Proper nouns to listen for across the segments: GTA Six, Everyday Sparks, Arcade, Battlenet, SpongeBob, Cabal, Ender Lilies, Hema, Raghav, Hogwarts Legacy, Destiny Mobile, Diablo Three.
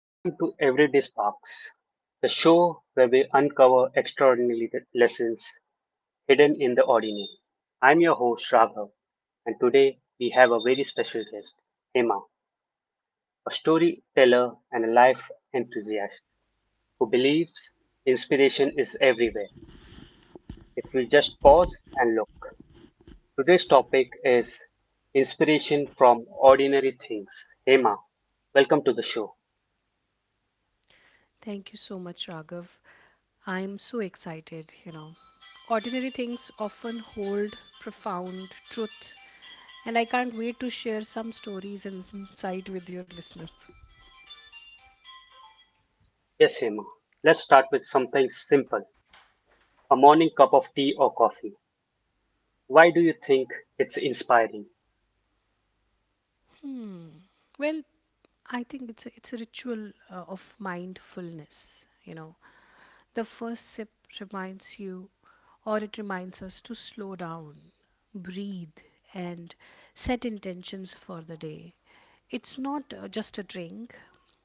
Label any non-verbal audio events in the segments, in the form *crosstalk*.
welcome to Everyday Sparks, the show where we uncover extraordinary lessons hidden in the ordinary. I'm your host Raghav, and today we have a very special guest, Hema, a storyteller and a life enthusiast who believes inspiration is everywhere if we just pause and look. Today's topic is inspiration from ordinary things. Hema, welcome to the show. Thank you so much, Raghav. I'm so excited, you know. Ordinary things often hold profound truth, and I can't wait to share some stories and insight with your listeners. Yes, Hema. Let's start with something simple. A morning cup of tea or coffee. Why do you think it's inspiring? Well, I think it's a ritual of mindfulness, you know, the first sip reminds you or it reminds us to slow down, breathe, and set intentions for the day. It's not just a drink.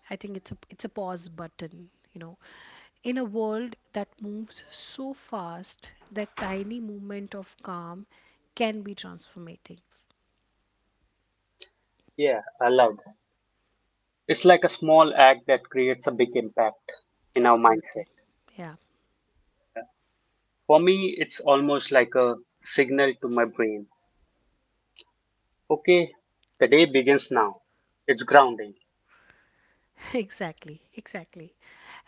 I think it's a pause button, you know. In a world that moves so fast, that tiny moment of calm can be transformative. Yeah, I love that. It's like a small act that creates a big impact in our mindset. Absolutely. Yeah. For me, it's almost like a signal to my brain. Okay, the day begins now. It's grounding. *laughs* Exactly, exactly.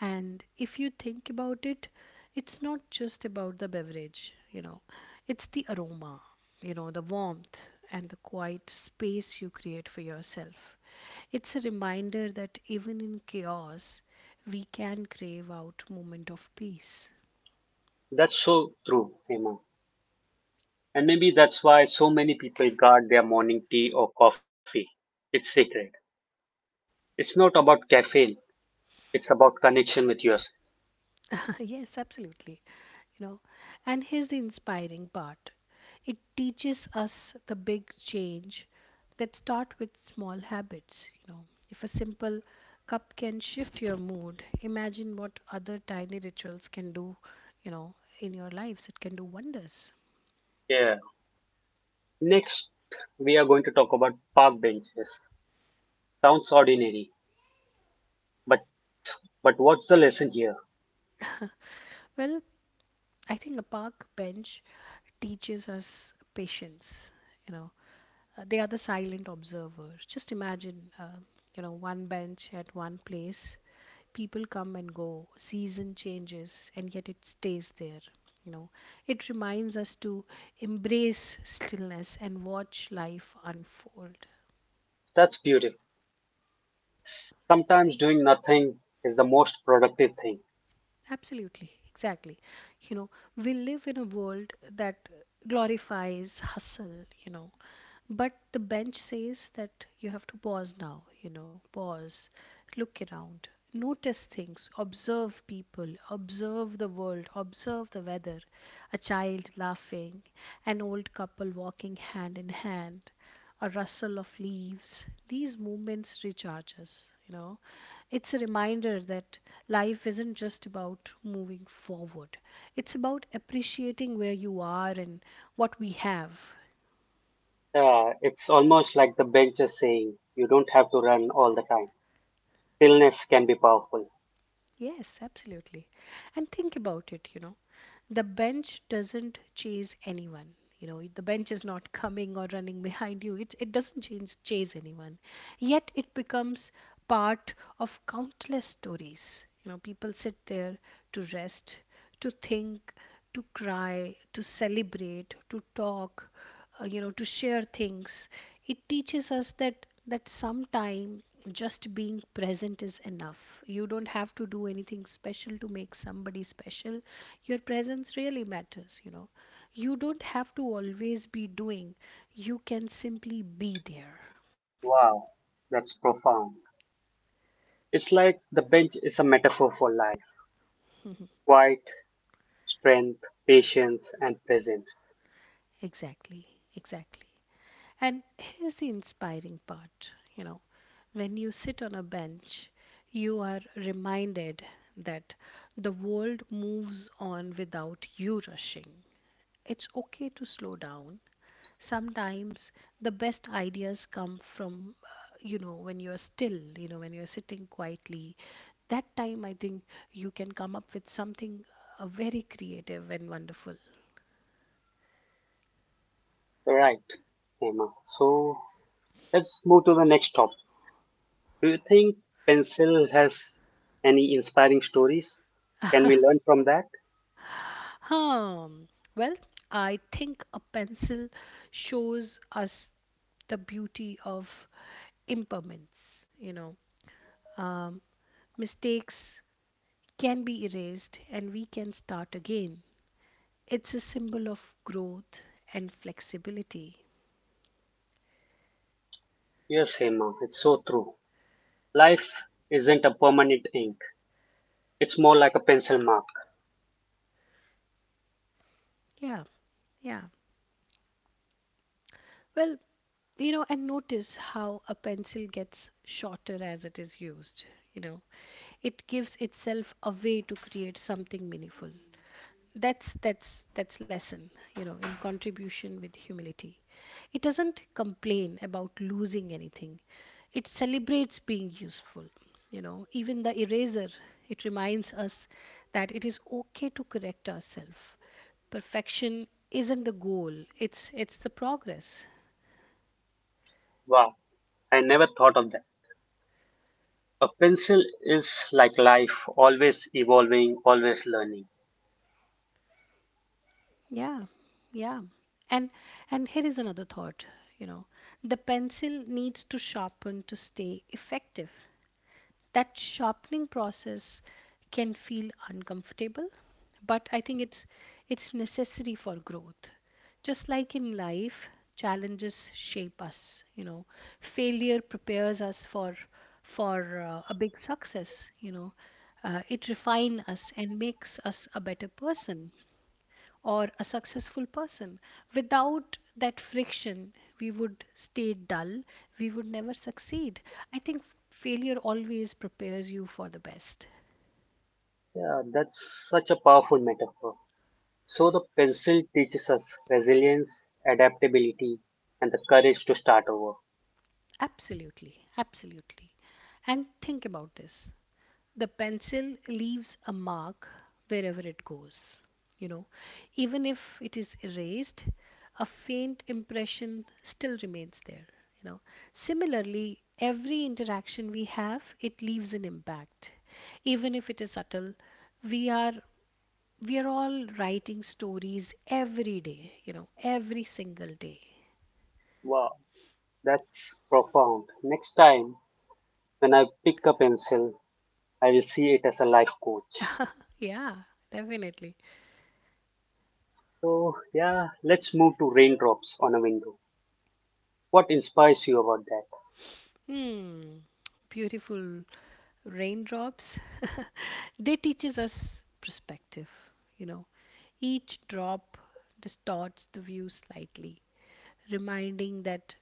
And if you think about it, it's not just about the beverage, you know, it's the aroma, you know, the warmth and the quiet space you create for yourself. It's a reminder that even in chaos, we can crave out moment of peace. That's so true, Hema. And maybe that's why so many people guard their morning tea or coffee. It's sacred. It's not about caffeine, it's about connection with yourself. *laughs* Yes, absolutely. You know, and here's the inspiring part. It teaches us the big change that start with small habits, you know. If a simple cup can shift your mood, imagine what other tiny rituals can do, you know, in your lives. It can do wonders. Yeah. Next, we are going to talk about park benches. Sounds ordinary, but but what's the lesson here? Well, I think a park bench teaches us patience, you know. They are the silent observers. Just imagine, you know, one bench at one place, people come and go, season changes, and yet it stays there. You know, it reminds us to embrace stillness and watch life unfold. That's beautiful. Sometimes doing nothing is the most productive thing. Absolutely, exactly. You know, we live in a world that glorifies hustle, you know, but the bench says that you have to pause now, you know, pause, look around, notice things, observe people, observe the world, observe the weather, a child laughing, an old couple walking hand in hand, a rustle of leaves. These moments recharge us, you know, it's a reminder that life isn't just about moving forward. It's about appreciating where you are and what we have. It's almost like the bench is saying you don't have to run all the time. Stillness can be powerful. Yes, absolutely. And think about it, you know. The bench doesn't chase anyone, you know, the bench is not coming or running behind you, it doesn't chase anyone, yet it becomes part of countless stories. You know, people sit there to rest, to think, to cry, to celebrate, to talk, you know, to share things. It teaches us that sometime just being present is enough. You don't have to do anything special to make somebody special. Your presence really matters, you know. You don't have to always be doing, you can simply be there. Wow, that's profound. It's like the bench is a metaphor for life. Quiet, strength, patience, and presence. Exactly, exactly. And here's the inspiring part, you know, when you sit on a bench, you are reminded that the world moves on without you rushing. It's okay to slow down. Sometimes the best ideas come from, you know, when you're still, you know, when you're sitting quietly. That time, I think you can come up with something very creative and wonderful. Right, Emma. So let's move to the next topic. Do you think Pencil has any inspiring stories? Can we learn from that? Hmm. Well, I think a pencil shows us the beauty of impermanence. You know, um, mistakes can be erased and we can start again. It's a symbol of growth and flexibility. Yes, Hema, it's so true. Life isn't a permanent ink, it's more like a pencil mark. Yeah, yeah. Well, you know, and notice how a pencil gets shorter as it is used. You know, it gives itself a way to create something meaningful. That's lesson, you know, in contribution with humility. It doesn't complain about losing anything, it celebrates being useful. You know, even the eraser, it reminds us that it is okay to correct ourselves. Perfection isn't the goal, it's the progress. Wow, I never thought of that. A pencil is like life, always evolving, always learning. Yeah, yeah. And and here is another thought, you know, the pencil needs to sharpen to stay effective. That sharpening process can feel uncomfortable, but I think it's necessary for growth. Just like in life, challenges shape us, you know, failure prepares us for a big success. You know, it refines us and makes us a better person or a successful person. Without that friction, we would stay dull, we would never succeed. I think failure always prepares you for the best. Yeah, that's such a powerful metaphor. So, the pencil teaches us resilience, adaptability, and the courage to start over. Absolutely, absolutely. And think about this, the pencil leaves a mark wherever it goes, you know, even if it is erased, a faint impression still remains there. You know, similarly every interaction we have, it leaves an impact even if it is subtle. We are we are all writing stories every day, you know, every single day. Wow, that's profound. Next time, when I pick a pencil, I will see it as a life coach. *laughs* Yeah, definitely. So, yeah, let's move to raindrops on a window. What inspires you about that? Hmm, beautiful. Raindrops *laughs* they teaches us perspective, you know. Each drop distorts the view slightly, reminding that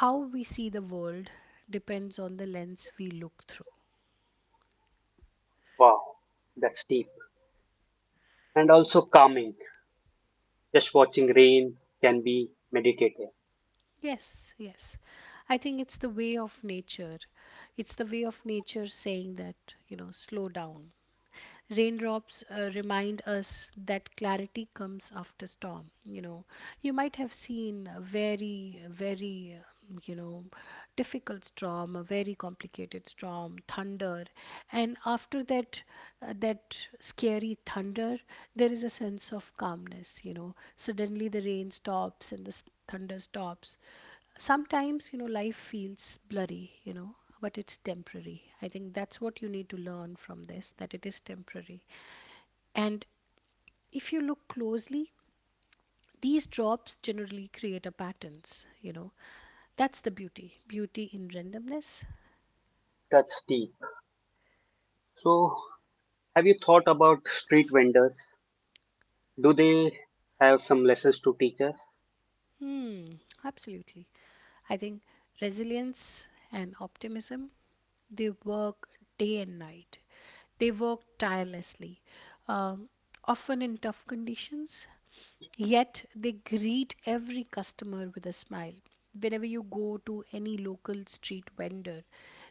how we see the world depends on the lens we look through. Wow, that's deep. And also calming. Just watching rain can be meditative. Yes, yes. I think it's the way of nature, it's the way of nature saying that, you know, slow down. Raindrops remind us that clarity comes after storm. You know, you might have seen a very you know, difficult storm, a very complicated storm, thunder, and after that that scary thunder, there is a sense of calmness. You know, suddenly the rain stops and the thunder stops. Sometimes, you know, life feels blurry, you know, but it's temporary. I think that's what you need to learn from this, that it is temporary. And if you look closely, these drops generally create a patterns, you know. That's the beauty in randomness. That's deep. So, have you thought about street vendors? Do they have some lessons to teach us? Hmm, absolutely. I think resilience and optimism. They work day and night, they work tirelessly, um, often in tough conditions. Yet they greet every customer with a smile. Whenever you go to any local street vendor,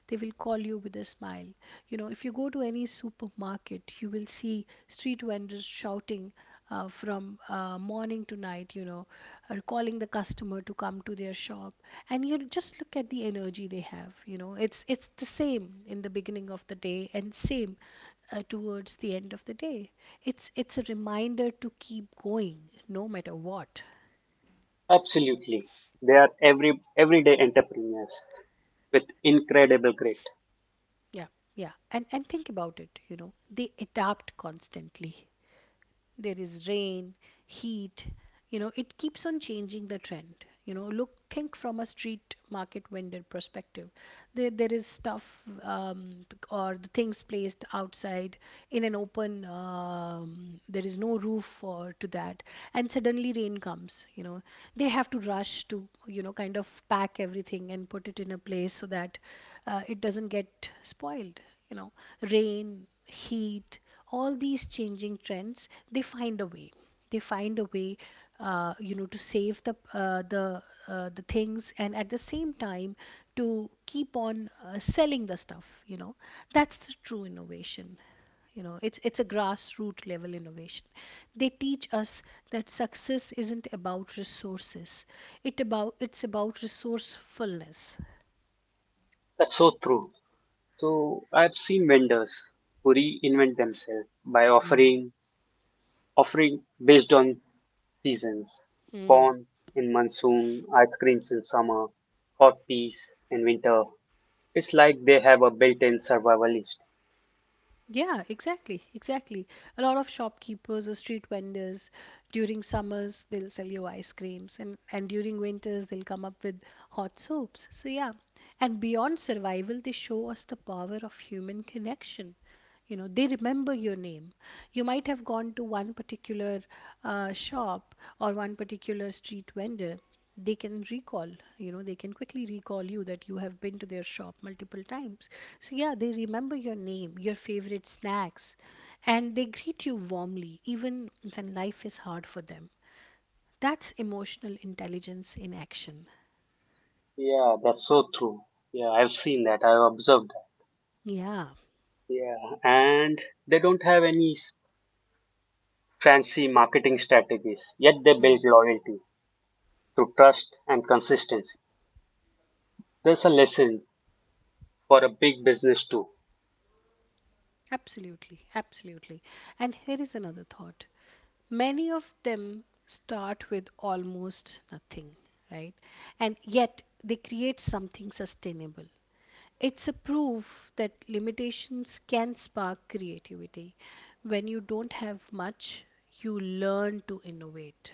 they will call you with a smile. You know, if you go to any supermarket, you will see street vendors shouting from morning to night, you know, or calling the customer to come to their shop. And you just look at the energy they have, you know. It's the same in the beginning of the day and same towards the end of the day. It's a reminder to keep going no matter what. Absolutely. They are everyday entrepreneurs with incredible grit. Yeah, yeah. And think about it, you know, they adapt constantly. There is rain, heat, you know, it keeps on changing the trend. You know, look, think from a street market vendor perspective. There is stuff or the things placed outside in an open. There is no roof for to that, and suddenly rain comes. You know, they have to rush to, you know, kind of pack everything and put it in a place so that it doesn't get spoiled. You know, rain, heat, all these changing trends, they find a way, they find a way you know, to save the things, and at the same time to keep on selling the stuff. You know, that's the true innovation. You know, it's a grassroots level innovation. They teach us that success isn't about resources, it about it's about resourcefulness. That's so true. So I've seen vendors who reinvent themselves by Yeah. Offering based on seasons, Mm. corns in monsoon, ice creams in summer, hot peas in winter. It's like they have a built-in survivalist. Yeah, exactly, exactly. A lot of shopkeepers or street vendors during summers they'll sell you ice creams and during winters they'll come up with hot soups. So yeah, and beyond survival they show us the power of human connection. You know, they remember your name. You might have gone to one particular shop or one particular street vendor, they can recall, you know, they can quickly recall you that you have been to their shop multiple times. So yeah, they remember your name, your favorite snacks, and they greet you warmly even when life is hard for them. That's emotional intelligence in action. Yeah, that's so true. Yeah, I've seen that. I've observed Yeah. that. Yeah, and they don't have any fancy marketing strategies, yet they build Hmm. loyalty through trust and consistency. There's a lesson for a big business too. Absolutely, absolutely. And here is another thought, many of them start with almost nothing, right, and yet they create something sustainable. It's a proof that limitations can spark creativity. When you don't have much, you learn to innovate.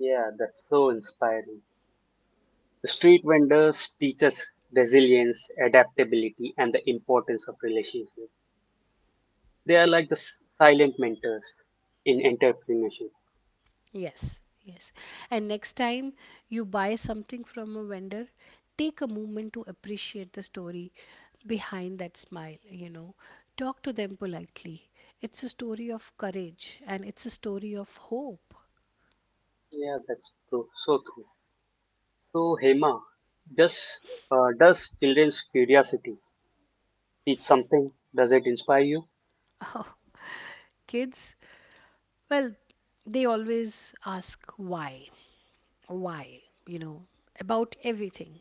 Yeah, that's so inspiring. The street vendors teach us resilience, adaptability, and the importance of relationships. They are like the silent mentors in entrepreneurship. Yes, yes. And next time you buy something from a vendor, take a moment to appreciate the story behind that smile, you know. Talk to them politely. It's a story of courage and it's a story of hope. Yeah, that's true. So true. So Hema, does does children's curiosity teach something? Does it inspire you? *laughs* Oh, kids, well, they always ask why. Why, you know, about everything,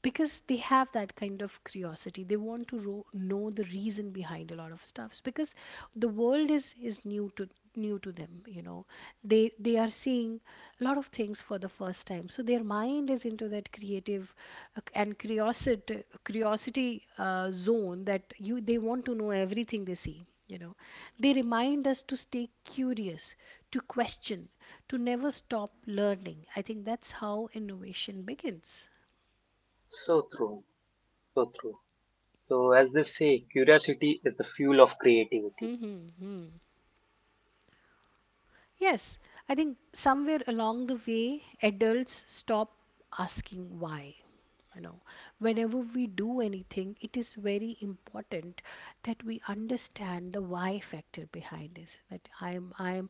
because they have that kind of curiosity. They want to know the reason behind a lot of stuffs, because the world is new to new to them, you know. they they are seeing a lot of things for the first time, so their mind is into that creative and curiosity zone, that you they want to know everything they see, you know. They remind us to stay curious, to question, to never stop learning. I think that's how innovation begins. So true. So true. So as they say, curiosity is the fuel of creativity. Mhm, mhm. Yes, I think somewhere along the way, adults stop asking why. You know, whenever we do anything, it is very important that we understand the why factor behind this. That I'm, I'm.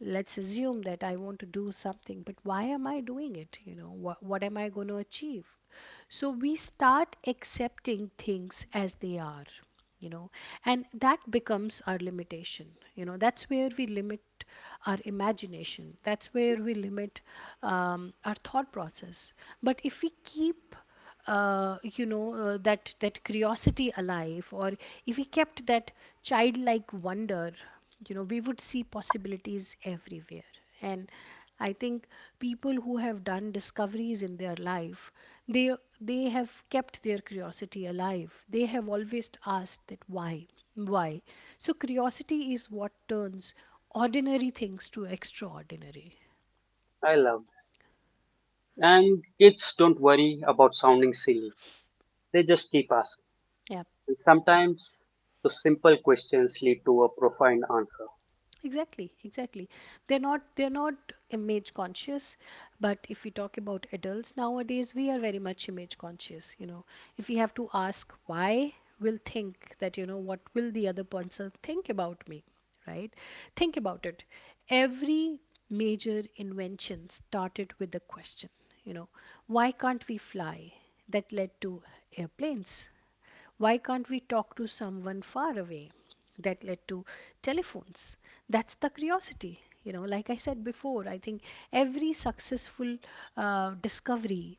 Let's assume that I want to do something, but why am I doing it? You know, what am I going to achieve? So we start accepting things as they are, you know, and that becomes our limitation, you know. That's where we limit our imagination. That's where we limit our thought process. But if we keep you know, that curiosity alive, or if we kept that childlike wonder, you know, we would see possibilities everywhere. And I think people who have done discoveries in their life, they have kept their curiosity alive. They have always asked that why, why. So curiosity is what turns ordinary things to extraordinary. I love that. And kids don't worry about sounding silly. They just keep asking. Yeah. And sometimes those simple questions lead to a profound answer. Exactly, exactly. They're not image conscious, but if we talk about adults nowadays, we are very much image conscious, you know. If we have to ask why, we'll think that, you know, what will the other person think about me, right? Think about it. Every major invention started with the question, you know, why can't we fly? That led to airplanes. Why can't we talk to someone far away? That led to telephones. That's the curiosity, you know. Like I said before, I think every successful discovery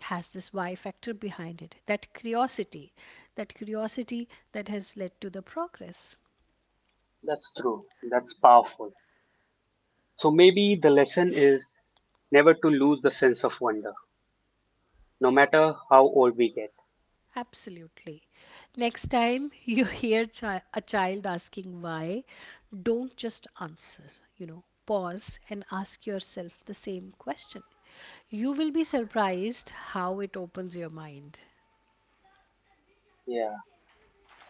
has this why factor behind it, that curiosity, that curiosity that has led to the progress. That's true. That's powerful. So maybe the lesson is never to lose the sense of wonder, no matter how old we get. Absolutely. Next time you *laughs* hear a child asking why, don't just answer, you know, pause and ask yourself the same question. You will be surprised how it opens your mind. Yeah.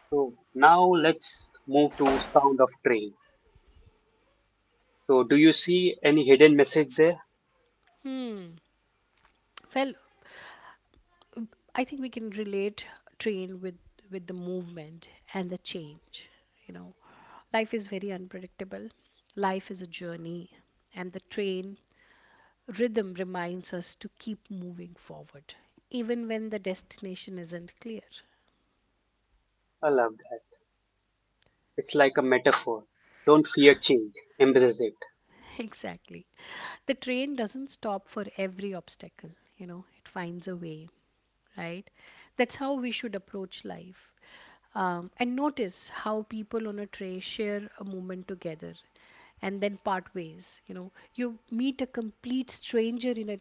So now let's move to sound of train. So do you see any hidden message there? Hmm. Well, I think we can relate train with the movement and the change. You know, life is very unpredictable. Life is a journey, and the train rhythm reminds us to keep moving forward, even when the destination isn't clear. I love that. It's like a metaphor. Don't fear change. Embrace it. *laughs* Exactly. The train doesn't stop for every obstacle, you know, it finds a way, right? That's how we should approach life. And notice how people on a tray share a moment together and then part ways. You know, you meet a complete stranger in a,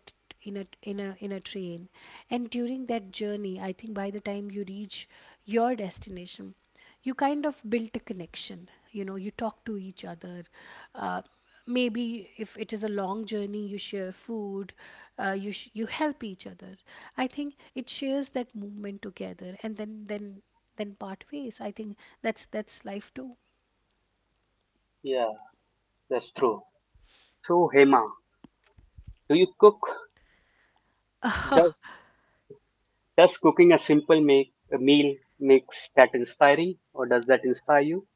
in a in a train, and during that journey, I think by the time you reach your destination, you kind of built a connection. You know, you talk to each other. uh, Maybe if it is a long journey, you share food. You help each other. I think it shares that movement together, and then part ways. I think that's life too. Yeah, that's true. So Hema, do you cook? Does *laughs* Does cooking a simple make a meal makes that inspiring, or does that inspire you?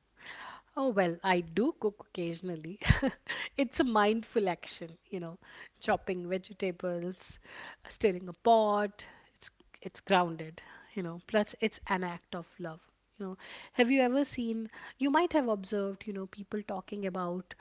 Oh, well, I do cook occasionally. *laughs* It's a mindful action, you know, chopping vegetables, stirring a pot. It's it's grounded, you know. Plus, it's an act of love, you know. Have you ever seen, you might have observed, you know, people talking about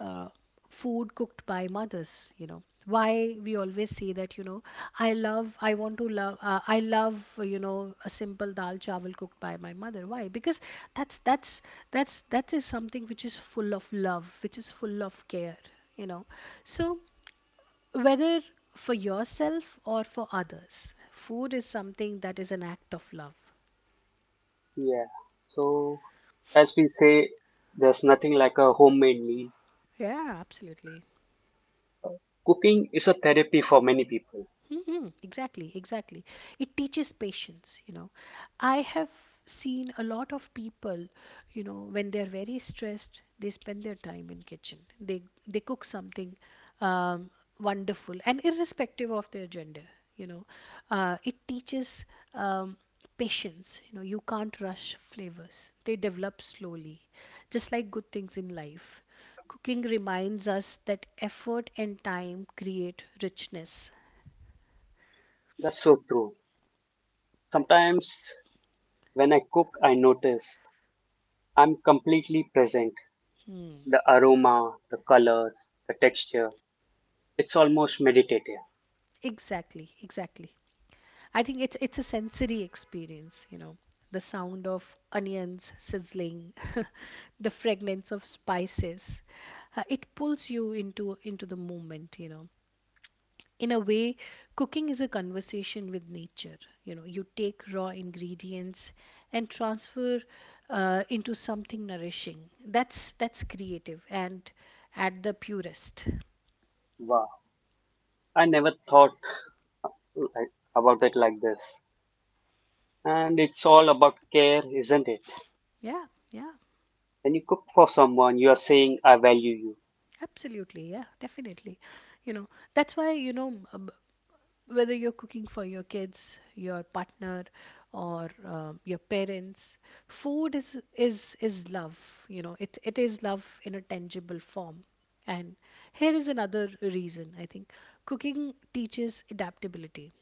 uh, food cooked by mothers. You know, why we always say that, you know, I love, I want to love, I love, you know, a simple dal chawal cooked by my mother. Why? Because that's that is something which is full of love, which is full of care, you know. So whether for yourself or for others, food is something that is an act of love. Yeah. So, as we say, there's nothing like a homemade meal. Yeah, absolutely. Cooking is a therapy for many people. Mm-hmm. Exactly, exactly. It teaches patience, you know. I have seen a lot of people, you know, when they're very stressed, they spend their time in kitchen. They cook something um, wonderful, and irrespective of their gender, you know, it teaches um, patience. You know, you can't rush flavors. They develop slowly, just like good things in life. Cooking reminds us that effort and time create richness. That's so true. Sometimes when I cook, I notice I'm completely present. Hmm. The aroma, the colors, the texture. It's almost meditative. Exactly, exactly. I think it's a sensory experience, you know. The sound of onions sizzling, *laughs* the fragrance of spices. It pulls you into the moment, you know. In a way, cooking is a conversation with nature. You know, you take raw ingredients and transfer into something nourishing. That's creative and at the purest. Wow. I never thought about it like this. And it's all about care, isn't it? Yeah, yeah. When you cook for someone, you are saying, I value Absolutely, yeah, definitely. You know, that's why, you know, whether you're cooking for your kids, your partner, or your parents, food is love. You know, it is love in a tangible form. And here is another reason, I think. Cooking teaches adaptability.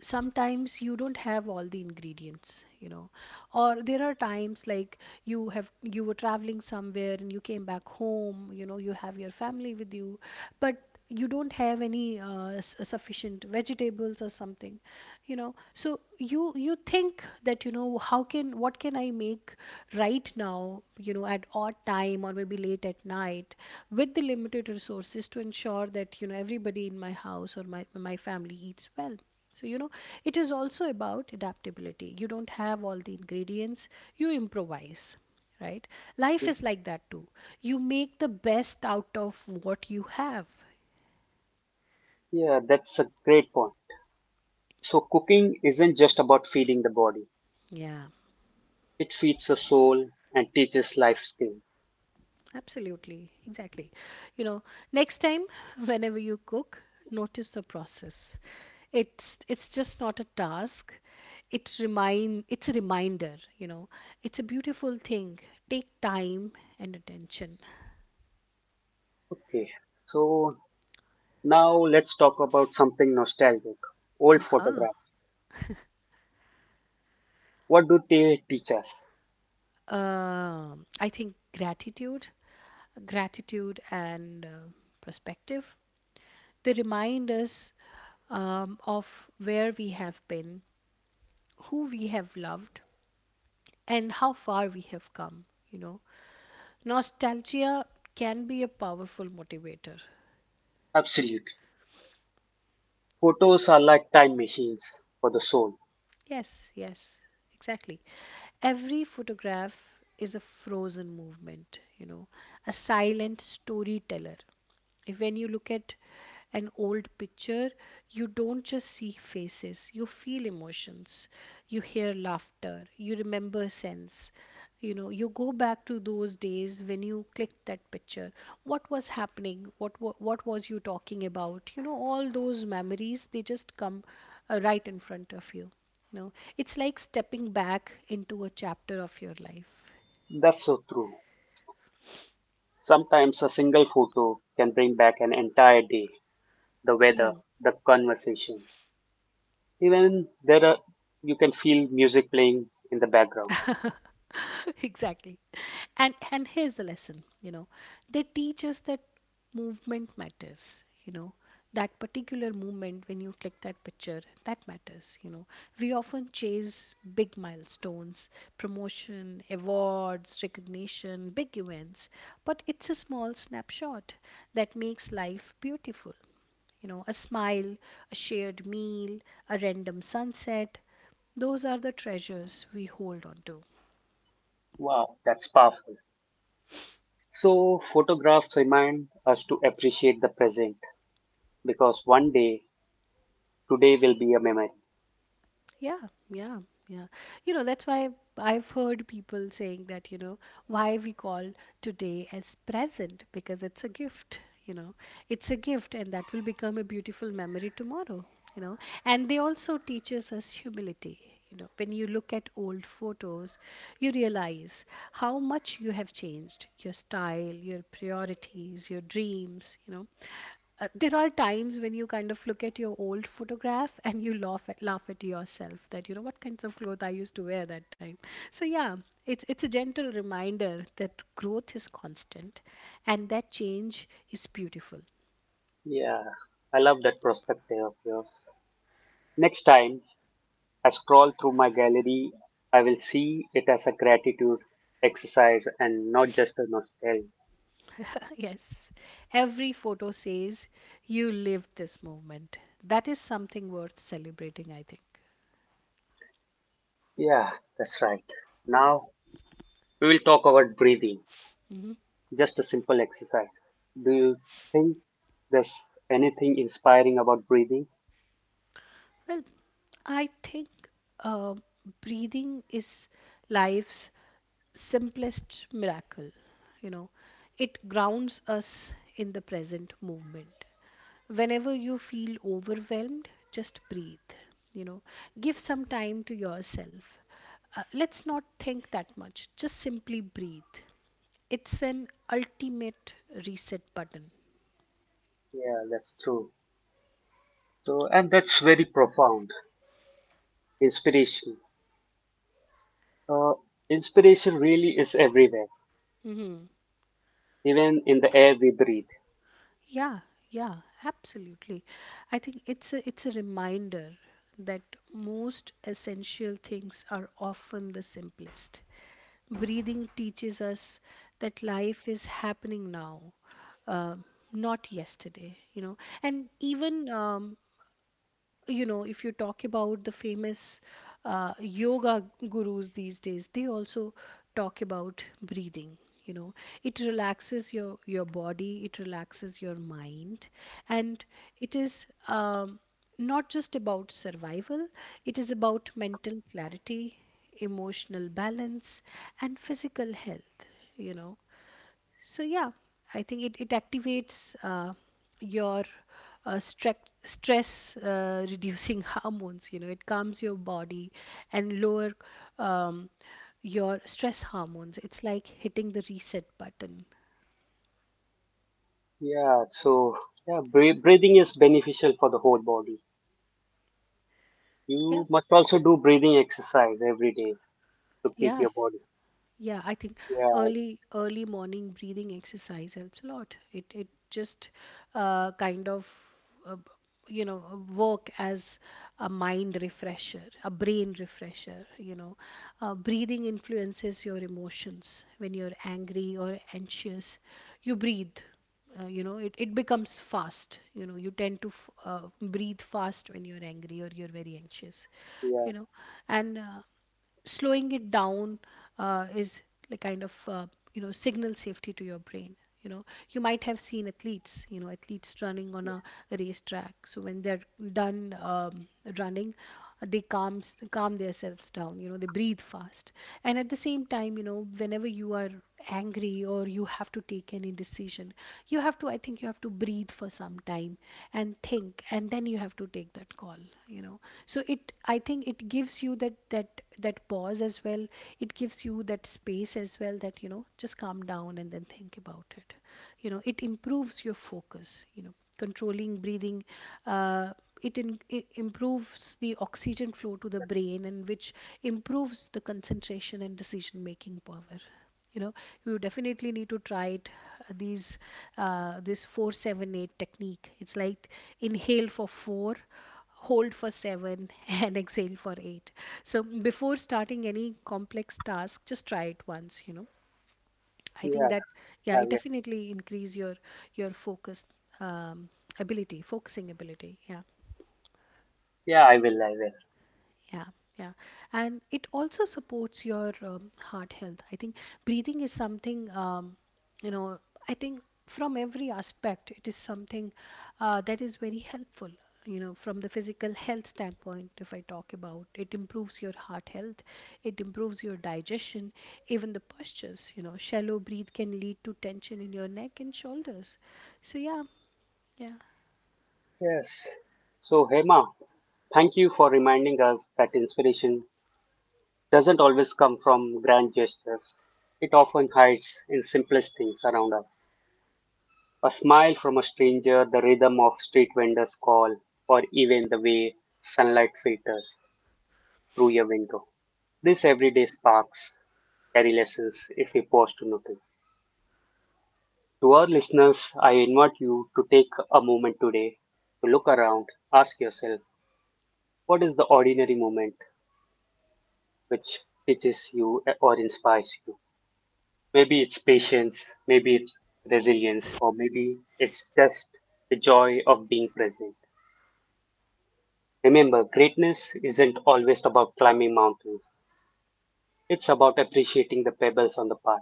Sometimes you don't have all the ingredients, you know, or there are times like, you have, you were traveling somewhere and you came back home, you know, you have your family with you, but you don't have any sufficient vegetables or something, you know. So you think that, you know, how can, what can I make right now, you know, at odd time, or maybe late at night, with the limited resources to ensure that, you know, everybody in my house or my family eats well. So, you know, it is also about adaptability. You don't have all the ingredients, you improvise, right? Life you. is like that too. You make the best out of what you have. Yeah, that's a great point. So, cooking isn't just about feeding the body, Yeah, it feeds the soul and teaches life skills. absolutely. Exactly. You know, next time, *laughs* whenever you cook, notice the process. It's just not a task. It's a reminder, you know. It's a beautiful thing. Take time and attention. Okay, so now let's talk about something nostalgic old Aha. photographs. What do they teach us? I think gratitude, gratitude and perspective. They remind us of where we have been, who we have loved, and how far we have come. You know, nostalgia can be a powerful motivator. Absolutely. Photos are like time machines for the soul. Yes, yes, exactly. Every photograph is a frozen movement, you know, a silent storyteller. When you look at an old picture, you don't just see faces, you feel emotions, you hear laughter, you remember sense. You know, you go back to those days when you clicked that picture. What was happening, what was you talking about, you know, all those memories. They just come right in front of you, you know. It's like stepping back into a chapter of your life. That's so true. Sometimes a single photo can bring back an entire day, the weather, Hmm. the conversation, even there are, you can feel music playing in the background. *laughs* Exactly. And here's the lesson, you know. They teach us that movement matters, you know, that particular movement when you click that picture that matters, you know. We often chase big milestones, promotion, awards, recognition, big events, but it's a small snapshot that makes life beautiful, you know. A smile, a shared meal, a random sunset, those are the treasures we hold on to. Wow, that's powerful. So photographs remind us to appreciate the present because one day today will be a memory. Yeah, yeah, yeah. You know, that's why I've heard people saying that, you know, why we call today as present, because it's a gift, you know. It's a gift, and that will become a beautiful memory tomorrow, you know. And they also teaches us humility, you know. When you look at old photos, you realize how much you have changed, your style, your priorities, your dreams, you know. There are times when you kind of look at your old photograph and you laugh at, laugh at yourself that, you know, what kinds of clothes I used to wear that time. So yeah, it's a gentle reminder that growth is constant and that change is beautiful. Yeah, I love that perspective of yours. Next time I scroll through my gallery, I will see it as a gratitude exercise and not just a nostalgia. *laughs* Yes. Every photo says you lived this moment. That is something worth celebrating, I think. Yeah, that's right. Now we will talk about breathing just a simple exercise. Do you think there's anything inspiring about breathing? Well, I think uh, breathing is life's simplest miracle. You know, it grounds us in the present movement. Whenever you feel overwhelmed, just breathe. You know, give some time to yourself. Let's not think that much, just simply breathe. It's an ultimate reset button. Yeah, that's true. So, and that's very profound. Inspiration. Uh, inspiration really is everywhere, Mhm. even in the air we breathe. Yeah, yeah, absolutely. I think it's a reminder that most essential things are often the simplest. Breathing teaches us that life is happening now, uh, not yesterday. You know, and even you know, if you talk about the famous yoga gurus these days, they also talk about breathing, you know. It relaxes your body, it relaxes your mind, and it is not just about survival, it is about mental clarity, emotional balance, and physical health, you know. So yeah, I think it, it activates your stress reducing *laughs* hormones. You know, it calms your body and lower um, your stress hormones. It's like hitting the reset button. Yeah, so yeah, breathing is beneficial for the whole body. Yeah, You must also do breathing exercise every day to keep yeah. your body. Yeah, I think Yeah, early morning breathing exercise helps a lot. It just kind of uh, b- you know, work as a mind refresher, a brain refresher. You know, breathing influences your emotions. When you're angry or anxious, you breathe. You know, it becomes fast. You know, you tend to breathe fast when you're angry or you're very anxious. yeah, You know, and slowing it down is like kind of you know, signal safety to your brain, you know. You might have seen athletes, you know, athletes running on a yeah. racetrack. So when they're done running, they calm themselves down, you know, they breathe fast. And at the same time, you know, whenever you are angry or you have to take any decision, you have to, I think you have to breathe for some time and think, and then you have to take that call, you know. So it, I think it gives you that that pause as well. It gives you that space as well, that, you know, just calm down and then think about it, you know. It improves your focus, you know. Controlling breathing, uh, it improves the oxygen flow to the brain, and which improves the concentration and decision making power, you know. You definitely need to try it. These This 478 technique, it's like inhale for 4, hold for 7, *laughs* and exhale for 8. So before starting any complex task, just try it once, you know. I think Yeah, that, yeah, I it will. definitely increase your focus, um, ability, focusing ability, yeah. Yeah, I will. I will. Yeah, yeah. And it also supports your heart health. I think breathing is something, you know, I think from every aspect, it is something that is very helpful. You know, from the physical health standpoint, if I talk about it, improves your heart health, it improves your digestion, even the postures. You know, shallow breathe can lead to tension in your neck and shoulders. So, yeah, yeah. Yes. So, Hema, thank you for reminding us that inspiration doesn't always come from grand gestures. It often hides in simplest things around us. A smile from a stranger, the rhythm of street vendors' call, or even the way sunlight filters through your window. These everyday sparks carry lessons if we pause to notice. To our listeners, I invite you to take a moment today to look around, ask yourself, what is the ordinary moment which teaches you or inspires you? Maybe it's patience, maybe it's resilience, or maybe it's just the joy of being present. Remember, greatness isn't always about climbing mountains, it's about appreciating the pebbles on the path.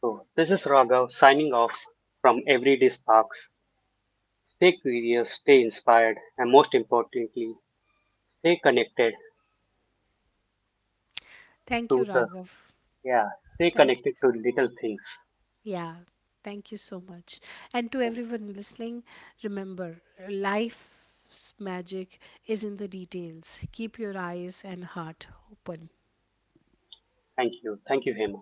So, this is Raghav signing off from Everyday Sparks. Stay curious, stay inspired, and most importantly, stay connected Thank you, to the Raghav. yeah, stay Thank connected you. to little things. Yeah, thank you so much. And to everyone listening, remember life's magic is in the details. Keep your eyes and heart open. Thank you. Thank you, Hema.